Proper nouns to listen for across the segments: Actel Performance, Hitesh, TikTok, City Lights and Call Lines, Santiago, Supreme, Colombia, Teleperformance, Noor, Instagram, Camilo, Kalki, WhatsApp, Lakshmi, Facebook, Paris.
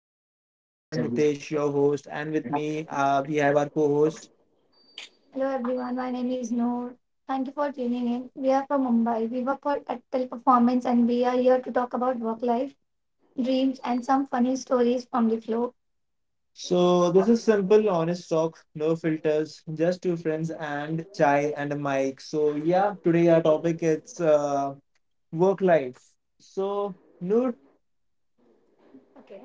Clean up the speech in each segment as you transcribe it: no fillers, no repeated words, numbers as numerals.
Call Lines. I am Hitesh, your host, and with me we have our co-host. Hello everyone, my name is Noor. Thank you for tuning in. We are from Mumbai. We work for Actel Performance and we are here to talk about work life, dreams, and some funny stories from the floor. So this is simple, honest talk, no filters, just two friends and chai and a mic. So yeah, today our topic is work life. So Noor. Okay.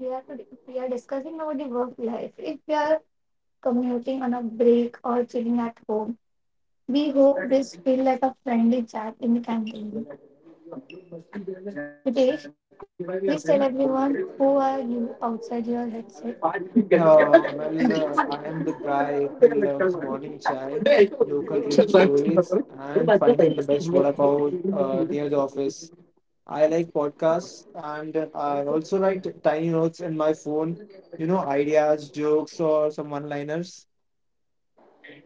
We are we are discussing about the work life. If we are commuting on a break or chilling at home, we hope this feel like a friendly chat in the canteen. Ritesh, please tell everyone who are you outside your headset. Well, I am the guy who loves morning chai, local train stories, and finding the best what about near the office. I like podcasts and I also write tiny notes in my phone, ideas, jokes, or some one liners.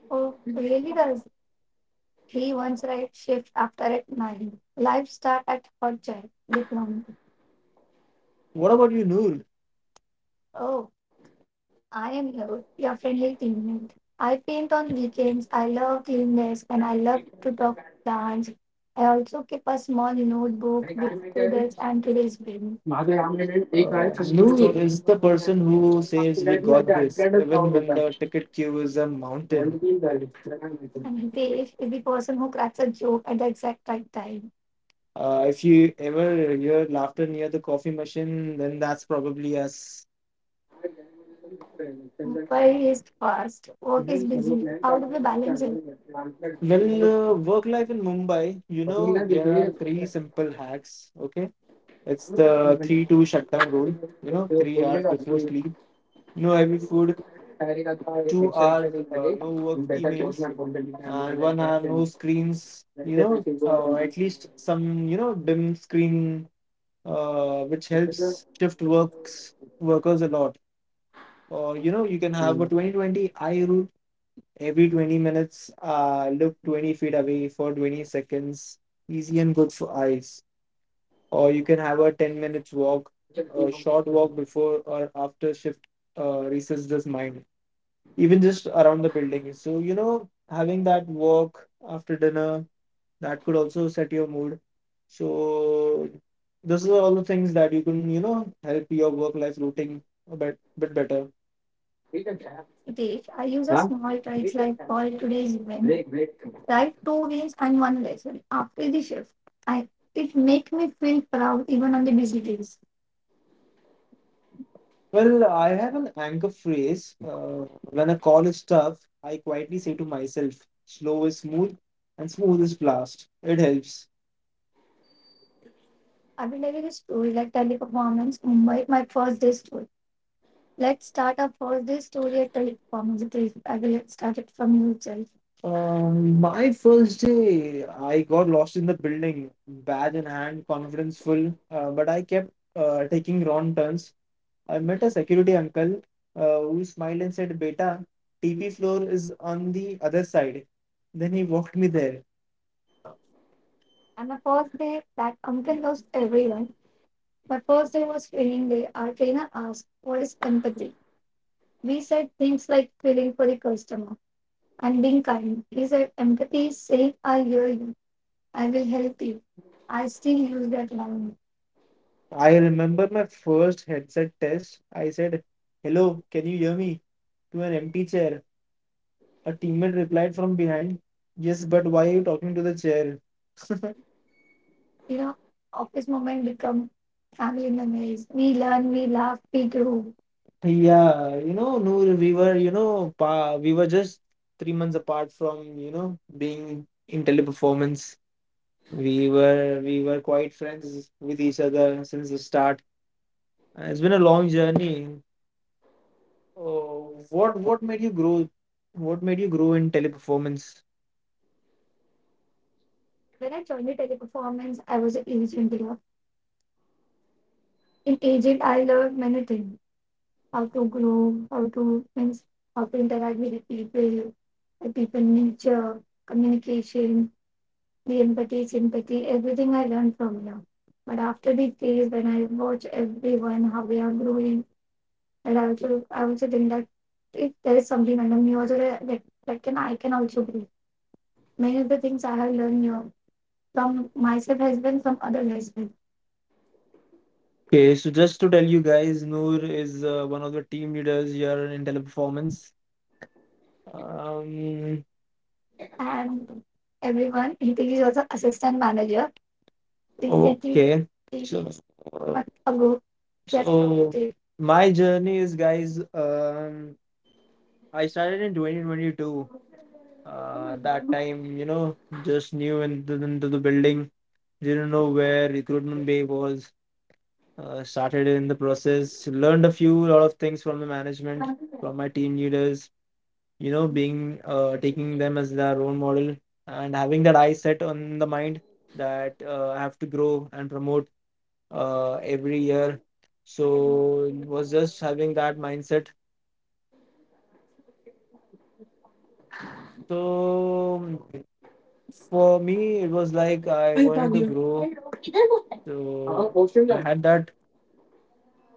Oh, really does. He once write shift after at nine. Life start at hot child diplomacy. What about you, Noor? Oh, I am your friendly teammate. I paint on weekends. I love cleanness and I love to talk plants. I also keep a small notebook with doodles and today's यामध्ये bill. एक आहे आणि तो November Noor मध्ये आणि is the मागच्या person period who मध्ये says we अडकॅडच got राऊंड this, होता, even when the ticket queue is a म्हणजे तीन झाले mountain. त्याला काय माहिती नाही। And Hitesh is the person who cracks a joke at the exact right time. If you ever hear laughter near the coffee machine, then that's probably us. Why is fast? Work is अपनी busy. How do we balance it? Well, work life in Mumbai, you ना know, there देखिए are three simple hacks. Okay, it's the 3 2 shutdown rule, three बोलने hours before लगती है। sleep, no heavy food, तैयारी का था two action पे hours नहीं no work लगे। बेटर कोर्स emails, में बोलते हैं and कैंडिडेट है 1 hour कैसे में no screens you better know basic जो है। or at least some dim screen, which helps shift works workers a lot. Or you can have a 2020 eye rule: every 20 minutes, look 20 feet away for 20 seconds. Easy and good for eyes. Or you can have a 10 minutes walk, a short walk before or after shift, resets this mind, even just around the building. So, having that walk after dinner, that could also set your mood. So, this is all the things that you can, help your work life routine a bit better. ठीक है क्या? Dave, I use a हाँ। small trick ठीक है like क्या? for today's event. Break Write two wins and one lesson after the shift. I it make me feel proud even on the busy days. Well, I have an anchor phrase. When a call is tough, I quietly say to myself, slow is smooth and smooth is blast. It helps. I will tell you the story, like Teleperformance, Mumbai, my first day story. Let's start our first day story at Teleperformance, please. I will start it from you itself. My first day, I got lost in the building, badge in hand, confidence full, but I kept taking wrong turns. I met a security uncle who smiled and said, "Beta, TV floor is on the other side." Then he walked me there. And my first day, that uncle knows everyone. My first day was training day. Our trainer asked, "What is empathy?" We said things like feeling for the customer and being kind. He said, "Empathy is saying, I hear you, I will help you." I still use that line. I remember my first headset test. I said, "Hello, can you hear me?" to an empty chair. A teammate replied from behind, "Yes, but why are you talking to the chair?" You know, Office moment become family memories. We learn, we laugh, we grow. Yeah, Noor, we were, you know, pa we were just 3 months apart from, being in Teleperformance. We were quite friends with each other since the start. It's been a long journey. Oh, what made you grow? What made you grow in Teleperformance? When I joined the Teleperformance, I was an agent there. In agent, I learned many things: how to grow, how to, means how to interact with the people nature, communication, the empathy, sympathy, everything I learned from there. But after the phase, when I watch everyone how they are growing, and I also think that if there is something under me also that, that, that can I can also grow. Many of the things I have learned here from myself has been from other lesbians. Okay, so just to tell you guys, Noor is one of the team leaders here in Teleperformance. Um, and everyone, Hitesh is also assistant manager. Okay. Ago, so, my journey is, guys, I started in 2022. That break time, just new into the building, didn't know where Recruitment Bay was. Started in the process, learned a few lot of things from the management, from my team leaders, being taking them as their role model, and having that eye set on the mind that I have to grow and promote every year. So it was just having that mindset. So for me, it was like I I बात wanted to नहीं। आई grow. रोकी थी वो। हाँ, So वो I शून्य। had that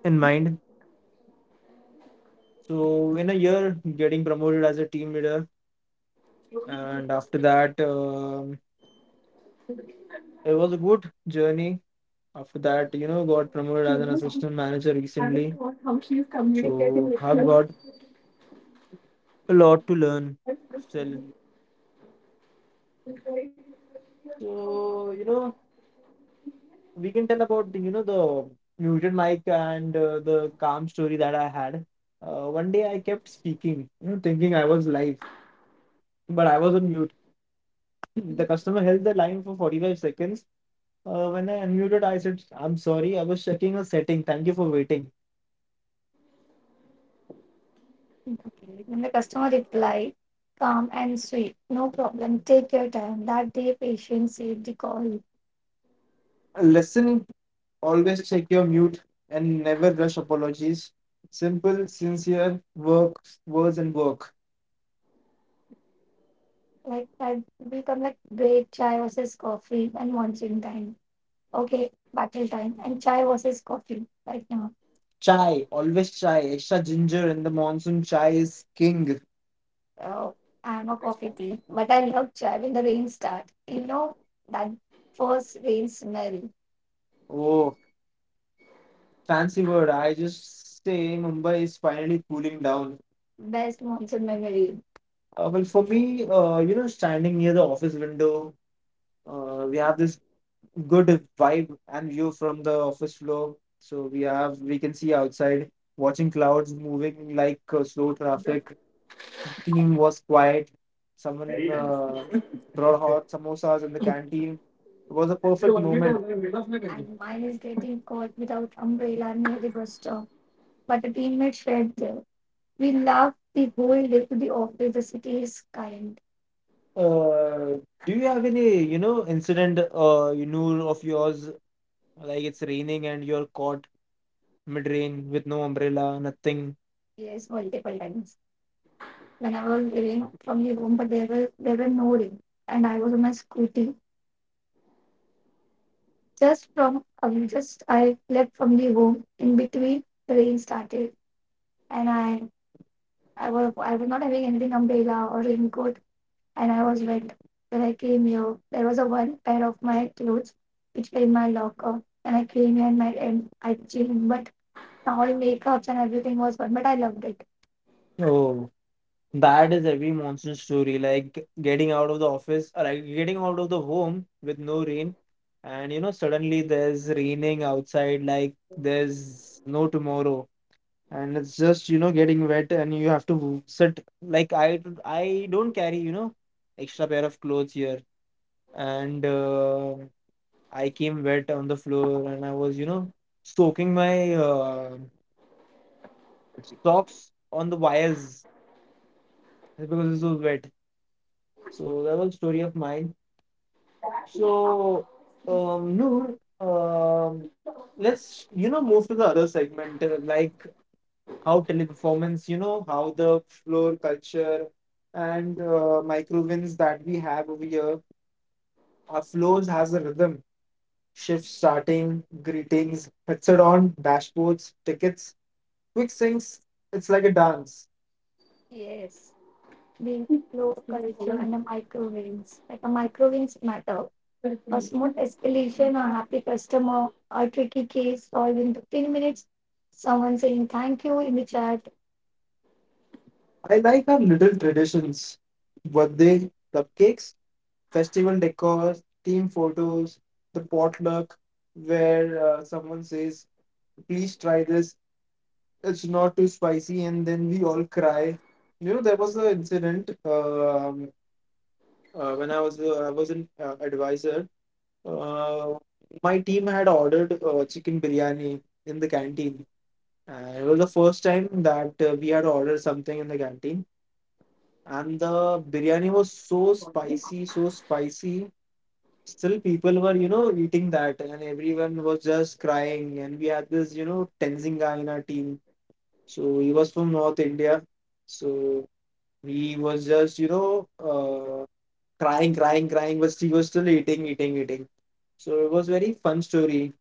in mind. So in a year, getting promoted as a team leader. And after that, it was a good journey. After that, got promoted as an शून्य कौन? assistant manager आरे recently. वो टाउटशी इस communicating So I've लोग। got a lot to learn and still. White So, we can tell about the muted mic and the calm story that I had. One day, I kept speaking, thinking I was live, but I was on mute. The customer held the line for 45 seconds. When I unmuted, I said, "I'm sorry, I was checking a setting. Thank you for waiting." Okay. When the customer replied, calm and sweet, "No problem, take your time." That day, patient saved the call. Lesson: always check your mute and never rush apologies. Simple, sincere work, words and work. Like, I become like great chai versus coffee and monsoon time. Okay, battle time, and chai versus coffee right now. Chai, always chai. Extra ginger in the monsoon, chai is king. Oh, I'm a coffee tea, but I love chai when the rain starts. You know that first rain smell. Oh, fancy word. I just say Mumbai is finally cooling down. Best monsoon memory. Well, for me, standing near the office window, we have this good vibe and view from the office floor. So we can see outside, watching clouds moving like slow traffic, team was quiet. Someone brought hot samosas in the canteen. It was a perfect white moment. आपने मिला उसने कहीं? And mine is getting caught without umbrella near the bus stop. But the teammate shared there. We laughed the whole day to the office. The city is kind. Uh, do you have any incident of yours? Like it's raining and you're caught mid-rain with no umbrella, nothing. Yes, multiple times. When I was getting from the home, but there were no rain, and I was on my scooty. Just, I left from the home, in between the rain started, and I was not having anything, umbrella or raincoat, and I was wet. When I came here, there was a one pair of my clothes which were in my locker, and I came here, and I changed, but all makeups and everything was gone, but I loved it. Oh, bad is every monsoon story, like getting out of the office or like getting out of the home with no rain, and suddenly there's raining outside, like there's no tomorrow, and it's just getting wet, and you have to sit. Like I don't carry extra pair of clothes here, and I came wet on the floor, and I was soaking my socks on the wires because it was wet. So that was story of mine. So, Noor, let's move to the other segment, like how Teleperformance, how the floor culture and micro wins that we have over here. Our floors has a rhythm: shift starting, greetings, headset on, dashboards, tickets, quick syncs. It's like a dance. Yes, being floor culture and the micro wins. Like a micro wins matter. A smooth escalation, a happy customer, a tricky case solved in 15 minutes, someone saying thank you in the chat. I like our little traditions. Birthday, cupcakes, festival decor, team photos, the potluck where someone says, please try this, it's not too spicy, and then we all cry. There was an incident, when I was an advisor. Uh, my team had ordered chicken biryani in the canteen. It was the first time that we had ordered something in the canteen, and the biryani was so spicy, so spicy. Still, people were, eating that, and everyone was just crying. And we had this, tensing guy in our team. So he was from North India. So he was just, crying, crying, crying, but he was still eating, eating, eating. So it was very fun story.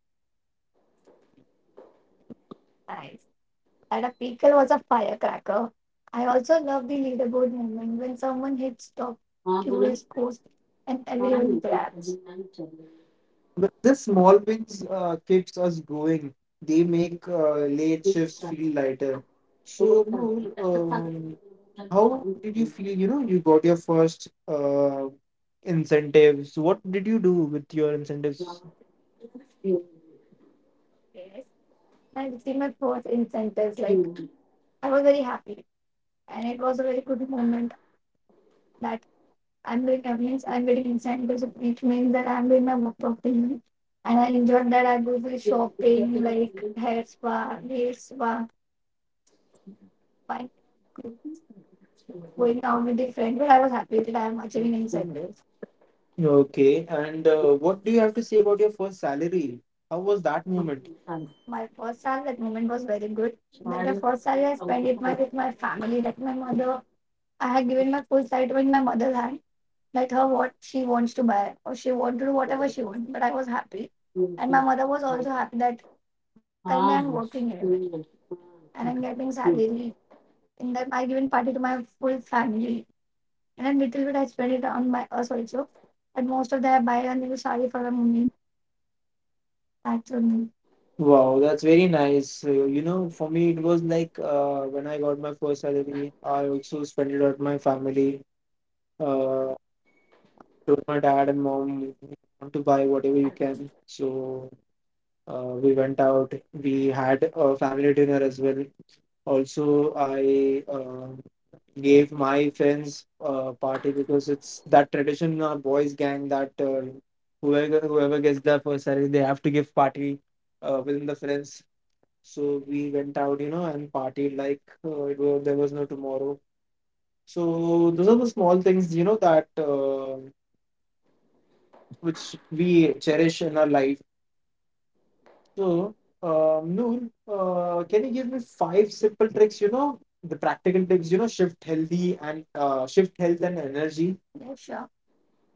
That a pickle was a firecracker. I also love the leaderboard moment when someone hits top हाँ, बोलो। QA scores and everyone पानी के सभी claps. नहीं चल रहे But the small wins keeps us going. They make late हैं इसके shifts साथ। feel lighter. तो So, ताली, Noor, तब सालों, तब how did सालों you feel? You got your first incentives. What did you do with your तब incentives? सालों Yes. I received my first incentives. Like तब। I was very happy, and it was a very good moment. I'm doing that. I'm getting incentives. It means that I'm doing my work properly. And I enjoy that I go to I'm shopping, like hair spa, nail spa, fine, going out with the friend. But I was happy that I'm achieving incentives. Okay, and what do you have to say about your first salary? How was that moment? My first salary, that moment was very good. That the first salary I spent it my, with my family, like my mother. I had given my full salary to my mother's hand. Let her what she wants to buy or she want to do whatever she wants. But I was happy. And my mother was also happy that currently I'm working here and I'm getting salary. In that I given party to my full family. And a little bit I spend it on my us also. And most of that I buy a new sari for a mummy. That's only. Wow, that's very nice. For me, it was like when I got my first salary, I also spent it on my family. Uh, told my dad and mom, you want to buy whatever you can. So we went out. We had a family dinner as well. Also, I gave my friends a party because it's that tradition in our boys' gang that whoever gets their first salary, they have to give party within the friends. So we went out, and partied like it was, there was no tomorrow. So those are the small things, that which we cherish in our life. So, Noor, can you give me five simple tricks, the practical tips, shift healthy and shift health and energy? Yeah, sure.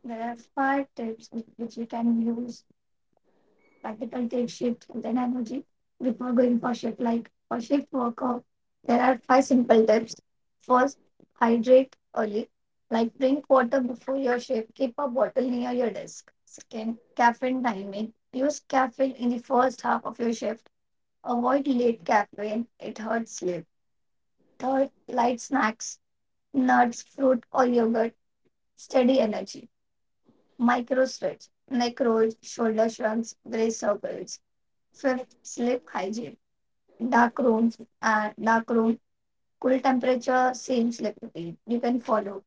There are five tips which you can use, practical take shift and then energy before going for shift. Like for shift workout, there are five simple tips. First, hydrate early. Like drink water before your shift. Keep a bottle near your desk. Second, caffeine timing. Use caffeine in the first half of your shift. Avoid late caffeine, it hurts sleep. Third, light snacks, nuts, fruit, or yogurt. Steady energy. Micro stretch, neck rolls, shoulder shrugs, brace circles. Fifth, sleep hygiene. Dark rooms, dark room, cool temperature, same sleep routine. You can follow.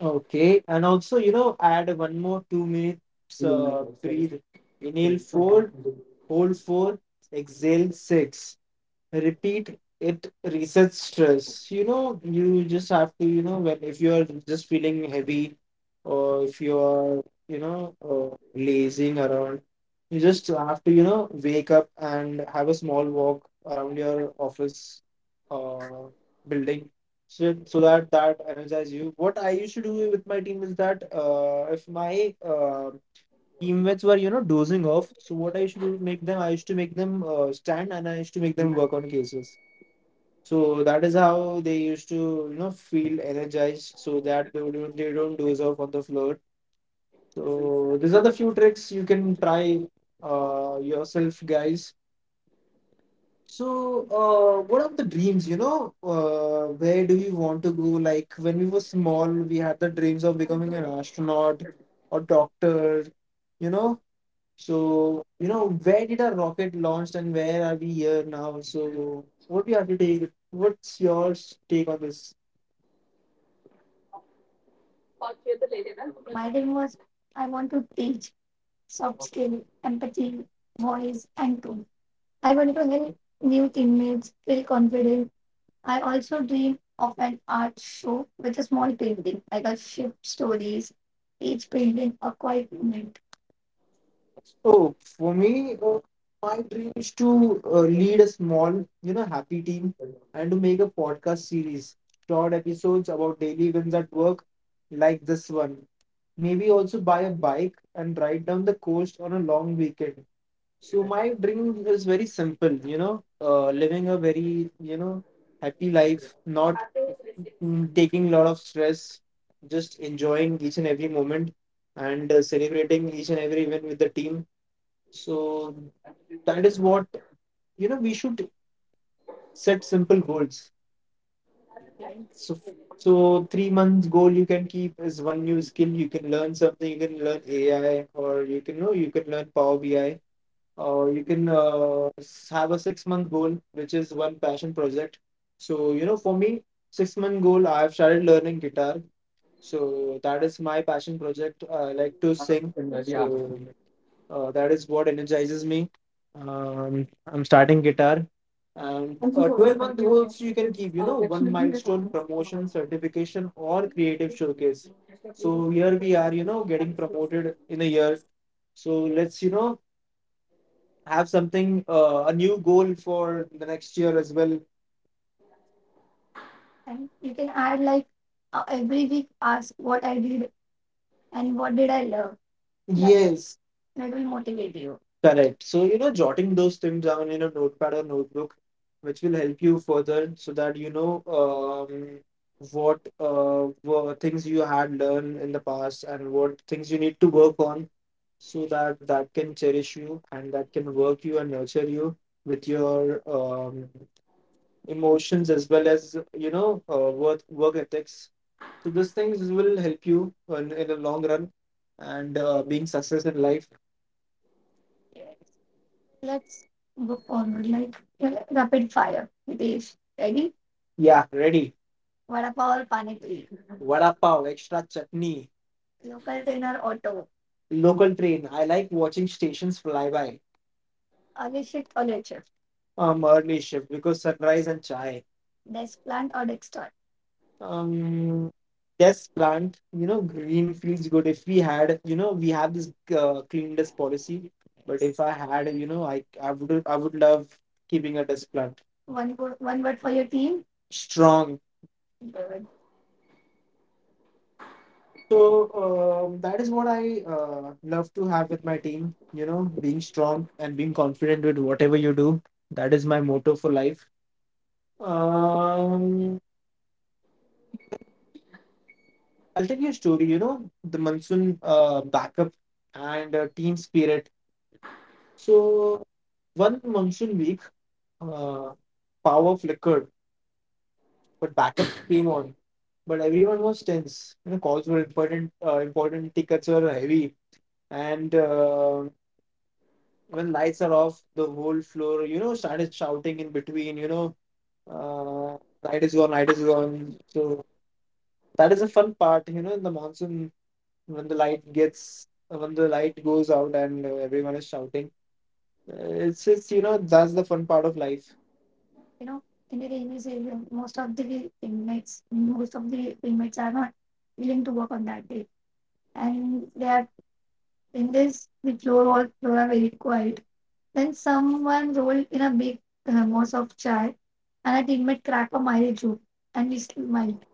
Okay, and also, add one more 2 minutes breathe. Inhale four, hold four, exhale six. Repeat. It resets stress. You just have to, when, if you are just feeling heavy, or if you are, lazing around, you just have to, wake up and have a small walk around your office uh, building. So that energize you. What I used to do with my team is that, if my teammates were, dozing off, so what I used to make them stand, and I used to make them work on cases. So that is how they used to, feel energized, so that they don't doze off on the floor. So these are the few tricks you can try yourself, guys. So, what are the dreams, where do you want to go? Like when we were small, we had the dreams of becoming an astronaut or doctor you know So, where did our rocket launched and where are we here now? So, what we have to take? What's your take on this? My dream was, I want to teach soft skill, empathy, voice, and tone. I want to help new teammates feel confident. I also dream of an art show with a small painting, like a ship stories, each painting a quiet moment. Oh, for me, my dream is to lead a small, happy team, and to make a podcast series, short episodes about daily events at work, like this one. Maybe also buy a bike and ride down the coast on a long weekend. So my dream is very simple, living a very, happy life, not taking a lot of stress, just enjoying each and every moment, and celebrating each and every win with the team. So that is what, we should set simple goals. Okay. So 3 months goal you can keep is one new skill. You can learn something. You can learn AI, or you can learn Power BI. Or you can have a 6 month goal, which is one passion project. So, for me, 6 month goal, I have started learning guitar. So that is my passion project. I like to sing. So, that is what energizes me. I'm starting guitar, and so sorry, 12-month Kalki, again, goals you can because keep, Lakshmi one is milestone, on us। Promotion, certification, or creative showcase. So here we are, क्या getting promoted in a year. So let's, have something, a new goal for the next year as well. And you can add, like every week, ask what I did and what did I love. Yes, that will motivate you. Correct. So, jotting those things down in a notepad or notebook, which will help you further, so that what were things you had learned in the past and what things you need to work on. So that can cherish you, and that can work you and nurture you with your emotions, as well as, work ethics. So, these things will help you in the long run, and being success in life. Let's go forward, like rapid fire. Hitesh, ready? Yeah, ready. Vada pav or pani puri? Vada pav, extra chutney. Local train or auto? Local train. I like watching stations fly by. Early shift or late shift? Early shift, because sunrise and chai. Desk plant or desk, um, yes, plant. Green feels good. If we had, we have this clean dust policy, but if I had, I would love keeping a dust plant. One word for your team. Strong. Good. So, that is what I love to have with my team. Being strong and being confident with whatever you do. That is my motto for life. Um, I'll tell you a story. You know, the monsoon backup and team spirit. So one monsoon week, uh, power flickered, but backup came on. But everyone was tense. Calls were important. Important tickets were heavy, and when lights are off, the whole floor, started shouting in between. Light is gone, light is gone. So that is a fun part. In the monsoon, when the light gets when the light goes out and everyone is shouting. Uh, it's just, that's the fun part of life you know, in the rainy season, most of the inmates are not willing to work on that day. And they are in this, the floor was floor are very quiet. Then someone rolled in a big moss of chai, and a teammate cracked a mild joke, and we smiled.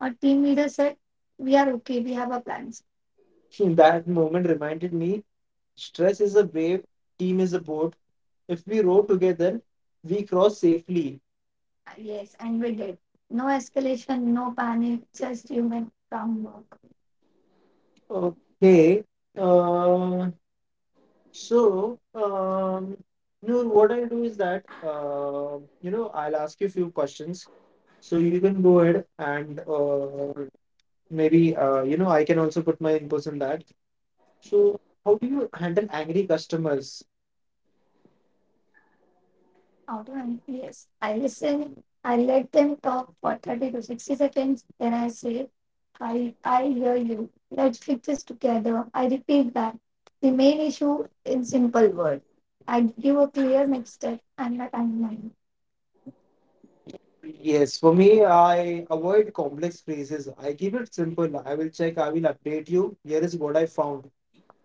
Our team leader said, "We are okay. We have our plans." So that moment reminded me. Stress is a wave, team is a boat. If we row together, we cross safely. Yes, and we did. No escalation, no panic, just human calm work. Okay. Uh, so, Noor, what I'll do is that, I'll ask you a few questions. So you can go ahead and maybe, I can also put my inputs in that. So, how do you handle angry customers? How do I? Yes, I listen. I let them talk for 30 to 60 seconds. Then I say, I hear you. Let's fix this together. I repeat back. The main issue in simple words. I give a clear next step and a timeline. Yes, for me, I avoid complex phrases. I keep it simple. I will check, I will update you. Here is what I found.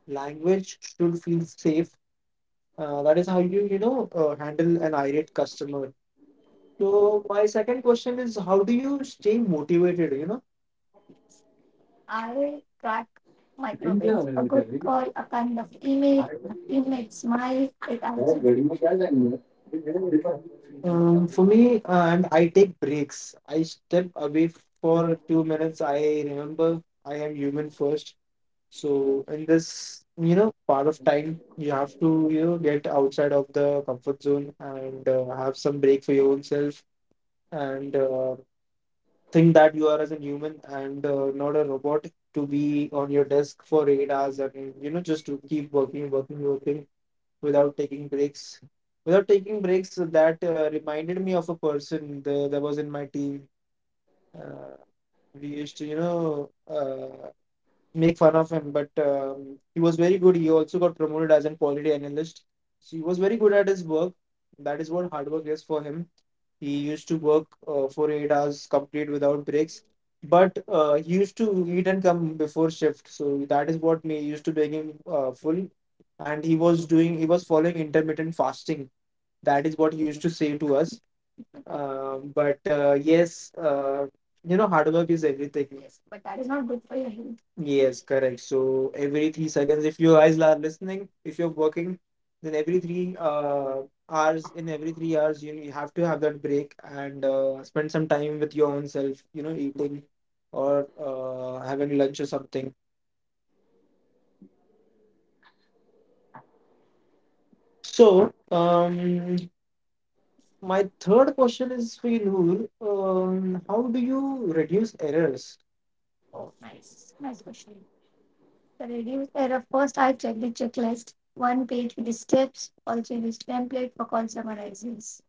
Language should feel safe. That is how you, handle an irate customer. So my second question is, how do you stay motivated? I track हो microwaves. A रहा good है call, a kind of email, a teammate smile, it यार? answers. घड़ी में क्या जाएंगे For me, and I take breaks. I step away for 2 minutes. I remember I am human first. So in this, part of time, you have to get outside of the comfort zone and have some break for your own self and think that you are as a human and not a robot to be on your desk for 8 hours and just to keep working working working without taking breaks that reminded me of a person that was in my team. uh, we used to make fun of him, but he was very good. He also got promoted as a quality analyst. So he was very good at his work. That is what hard work is for him. He used to work for 8 hours complete without breaks, but he used to eat and come before shift. So that is what me used to make him full. And he was following intermittent fasting. That is what he used to say to us. But yes, hard work is everything. Yes, but that is not good for your health. Yes, correct. So every 3 seconds, if you guys are listening, if you're working, then every three hours, in every 3 hours, you have to have that break and spend some time with your own self, eating or having lunch or something. So, my third question is for you, Noor. How do you reduce errors? Oh, nice. Nice question. The reduced error. First, I check the checklist. One page with the steps, also use template for call summarizes.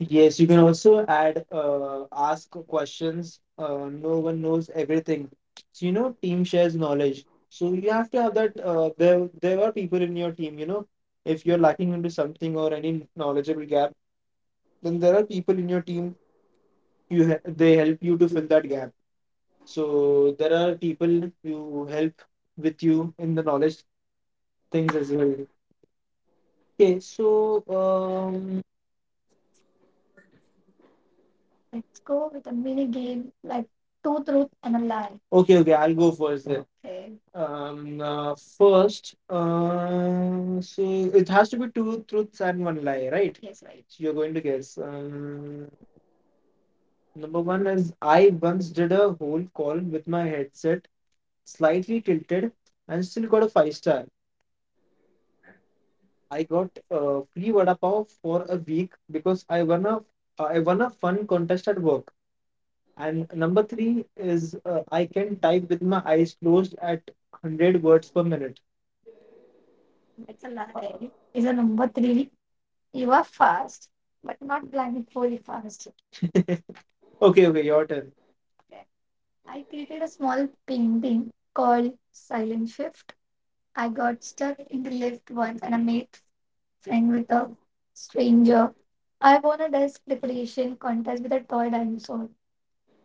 Yes, you can also add ask questions. No one knows everything. So team shares knowledge. So you have to have that. There are people in your team. If you're lacking into something or any knowledgeable gap, then there are people in your team. They help you to fill that gap. So there are people who help with you in the knowledge things as well. Okay, so let's go with a mini game like two truth and a lie. Okay, okay, I'll go first then. Okay. First, so it has to be two truths and one lie, right? Yes, right. So you're going to guess. Number one is I once did a whole call with my headset slightly tilted and still got a five star. I got free vada pav for a week because I won a fun contest at work. And number three is I can type with my eyes closed at 100 words per minute. That's a lie. Is a number three. You are fast, but not blindfolded fast. Okay, okay, your turn. Okay. I created a small painting called Silent Shift. I got stuck in the left once and I made and with a stranger. I won a desk decoration contest with a toy dinosaur.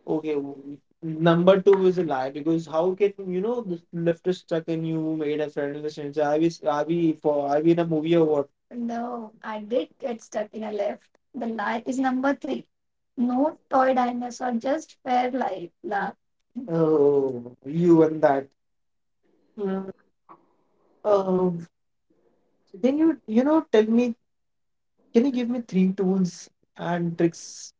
Okay, number two is a lie because how can you know the lift is stuck and you made a friend in the stranger? Are we s- are we for are we in a movie or what? No, I did get stuck in a lift. The lie is number three. No toy dinosaur, just fair life. La. Oh, you and that. Mm, Um, can you you know tell me? Can you give me three tools and tricks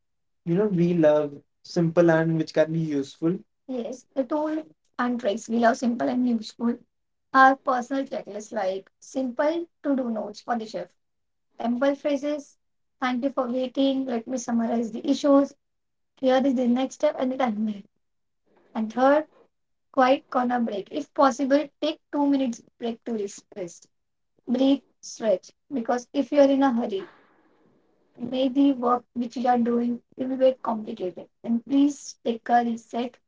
we love simple and which can be useful? Yes, the tool and tricks we love simple and useful are personal checklists like simple to-do notes for the chef, simple phrases, thank you for waiting, let me summarize the issues, here is the next step and the timeline. And third, quiet corner break. If possible, take 2 minutes break to rest. Breathe, stretch, because if you are in a hurry, may the work which you are doing will be very complicated. And please take a reset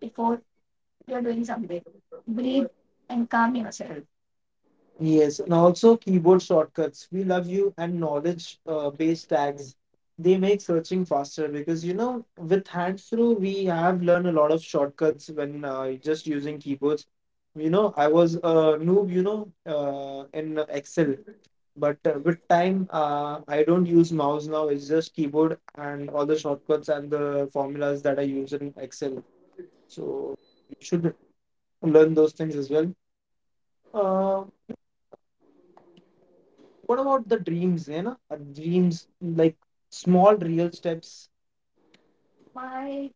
before you're doing something. Breathe and calm yourself. Yes, and also keyboard shortcuts. We love you and knowledge based tags. They make searching faster because with hands through we have learned a lot of shortcuts when just using keyboards. I was a noob, in Excel, but with time I don't use mouse now. It's just keyboard and all the shortcuts and the formulas that I use in Excel. So you should learn those things as well. Uh, what about the dreams, you know? Dreams, like small real steps. My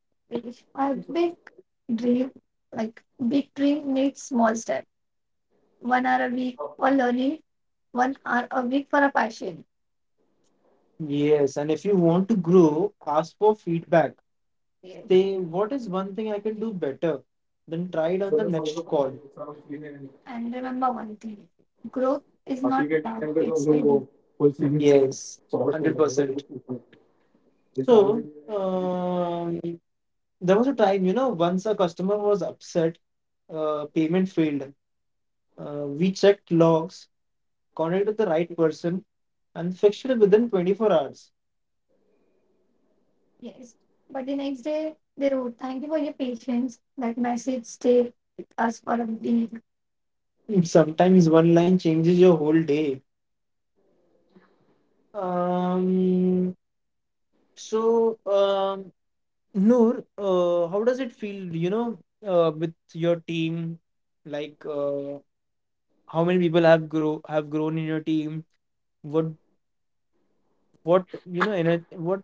my big dream, like big dream needs small step. 1 hour a week for learning, 1 hour a week for a passion. Yes, and if you want to grow, ask for feedback. Yes. Say, what is one thing I can do better? Then try it on the next call. And remember one thing. Growth is बाकी not के time loud, पे? तो हम it's लोग वो steady. Full sing Yes, sort कर लेंगे 100%. दोस्तों। ये salary So, um, there was a time, once a customer was upset, payment failed. We checked logs, contacted the right person, and fixed it within 24 hours. Yes. But the next day, they wrote, "Thank you for your patience." That message stayed with us for a week. Sometimes one line changes your whole day. Um, so, Noor, how does it feel, with your team? Like, how many people have grown in your team? What what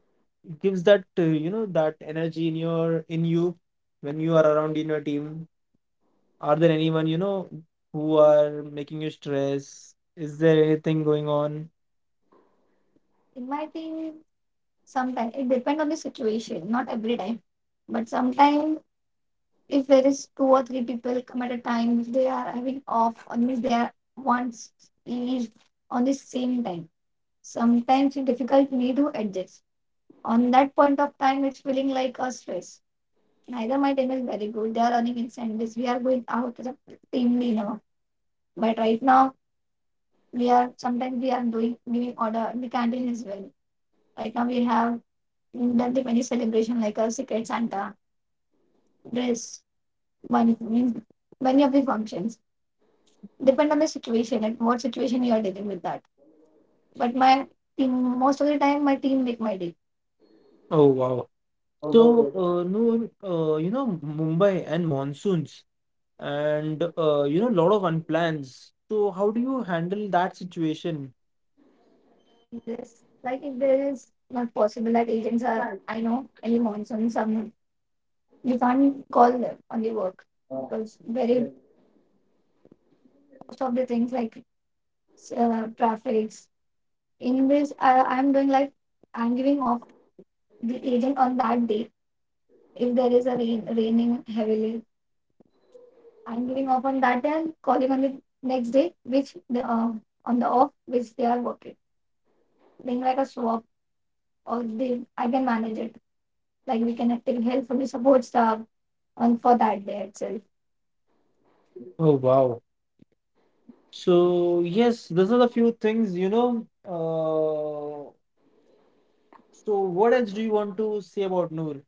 gives that energy in you when you are around in your team? Are there anyone who are making you stress? Is there anything going on? In my team, sometimes it depends on the situation, not every time. But sometimes if there is two or three people come at a time, if they are having off, or means they are once each on the same time. Sometimes it's difficult me to adjust. On that point of time, it's feeling like a stress. Neither my team is very good. They are running in Sundays. We are going out as a team dinner. But right now, we are sometimes we are doing giving order in the canteen as well. Right now, we have done the many celebration like a secret Santa dress, one means many of the functions depend on the situation, like what situation you are dealing with that. But my team, most of the time, my team make my day. Oh wow. और वो So, Noor, Mumbai and monsoons and lot of unplans. So, how do you handle that situation? Yes, like if there is not possible that agents are, I know, any monsoon, some you can't call them on the work because very most of the things like traffics in this, I'm doing like I'm giving off the agent on that day. If there is a rain, raining heavily, I'm giving off on that day and calling on the next day, which the on the off which they are working, being like a swap or they I can manage it. Like we can take help from the support staff on for that day itself. Oh, wow. So, yes, these are the few things. So, what else do you want to say about Noor?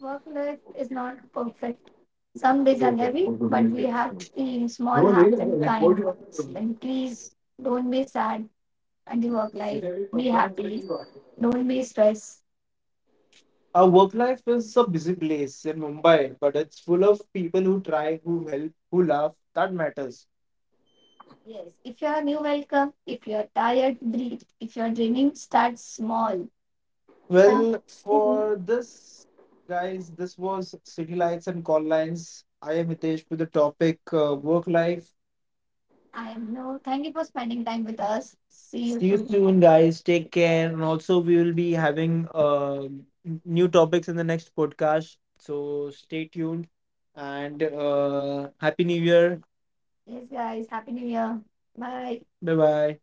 Work life is not perfect. Some days are heavy, but we have team, small वो नहीं hearts, and ना। kind 40 words. And please don't be sad and the work life. ऐसे अभी, Be 15 minute happy. की बात Don't be stressed. Our work life is a busy place in Mumbai, but it's full of people who try, who help, who laugh. That matters. Yes. If you are new, welcome. If you are tired, breathe. If you are dreaming, start small. है। Well, for this, guys, this was City Lights and Call Lines. I am Hitesh with the topic work life. I am no. Thank you for spending time with us. See you soon, soon, guys. Take care. And also, we will be having new topics in the next podcast. So stay tuned and Happy New Year. Yes, guys. Happy New Year. Bye. Bye bye.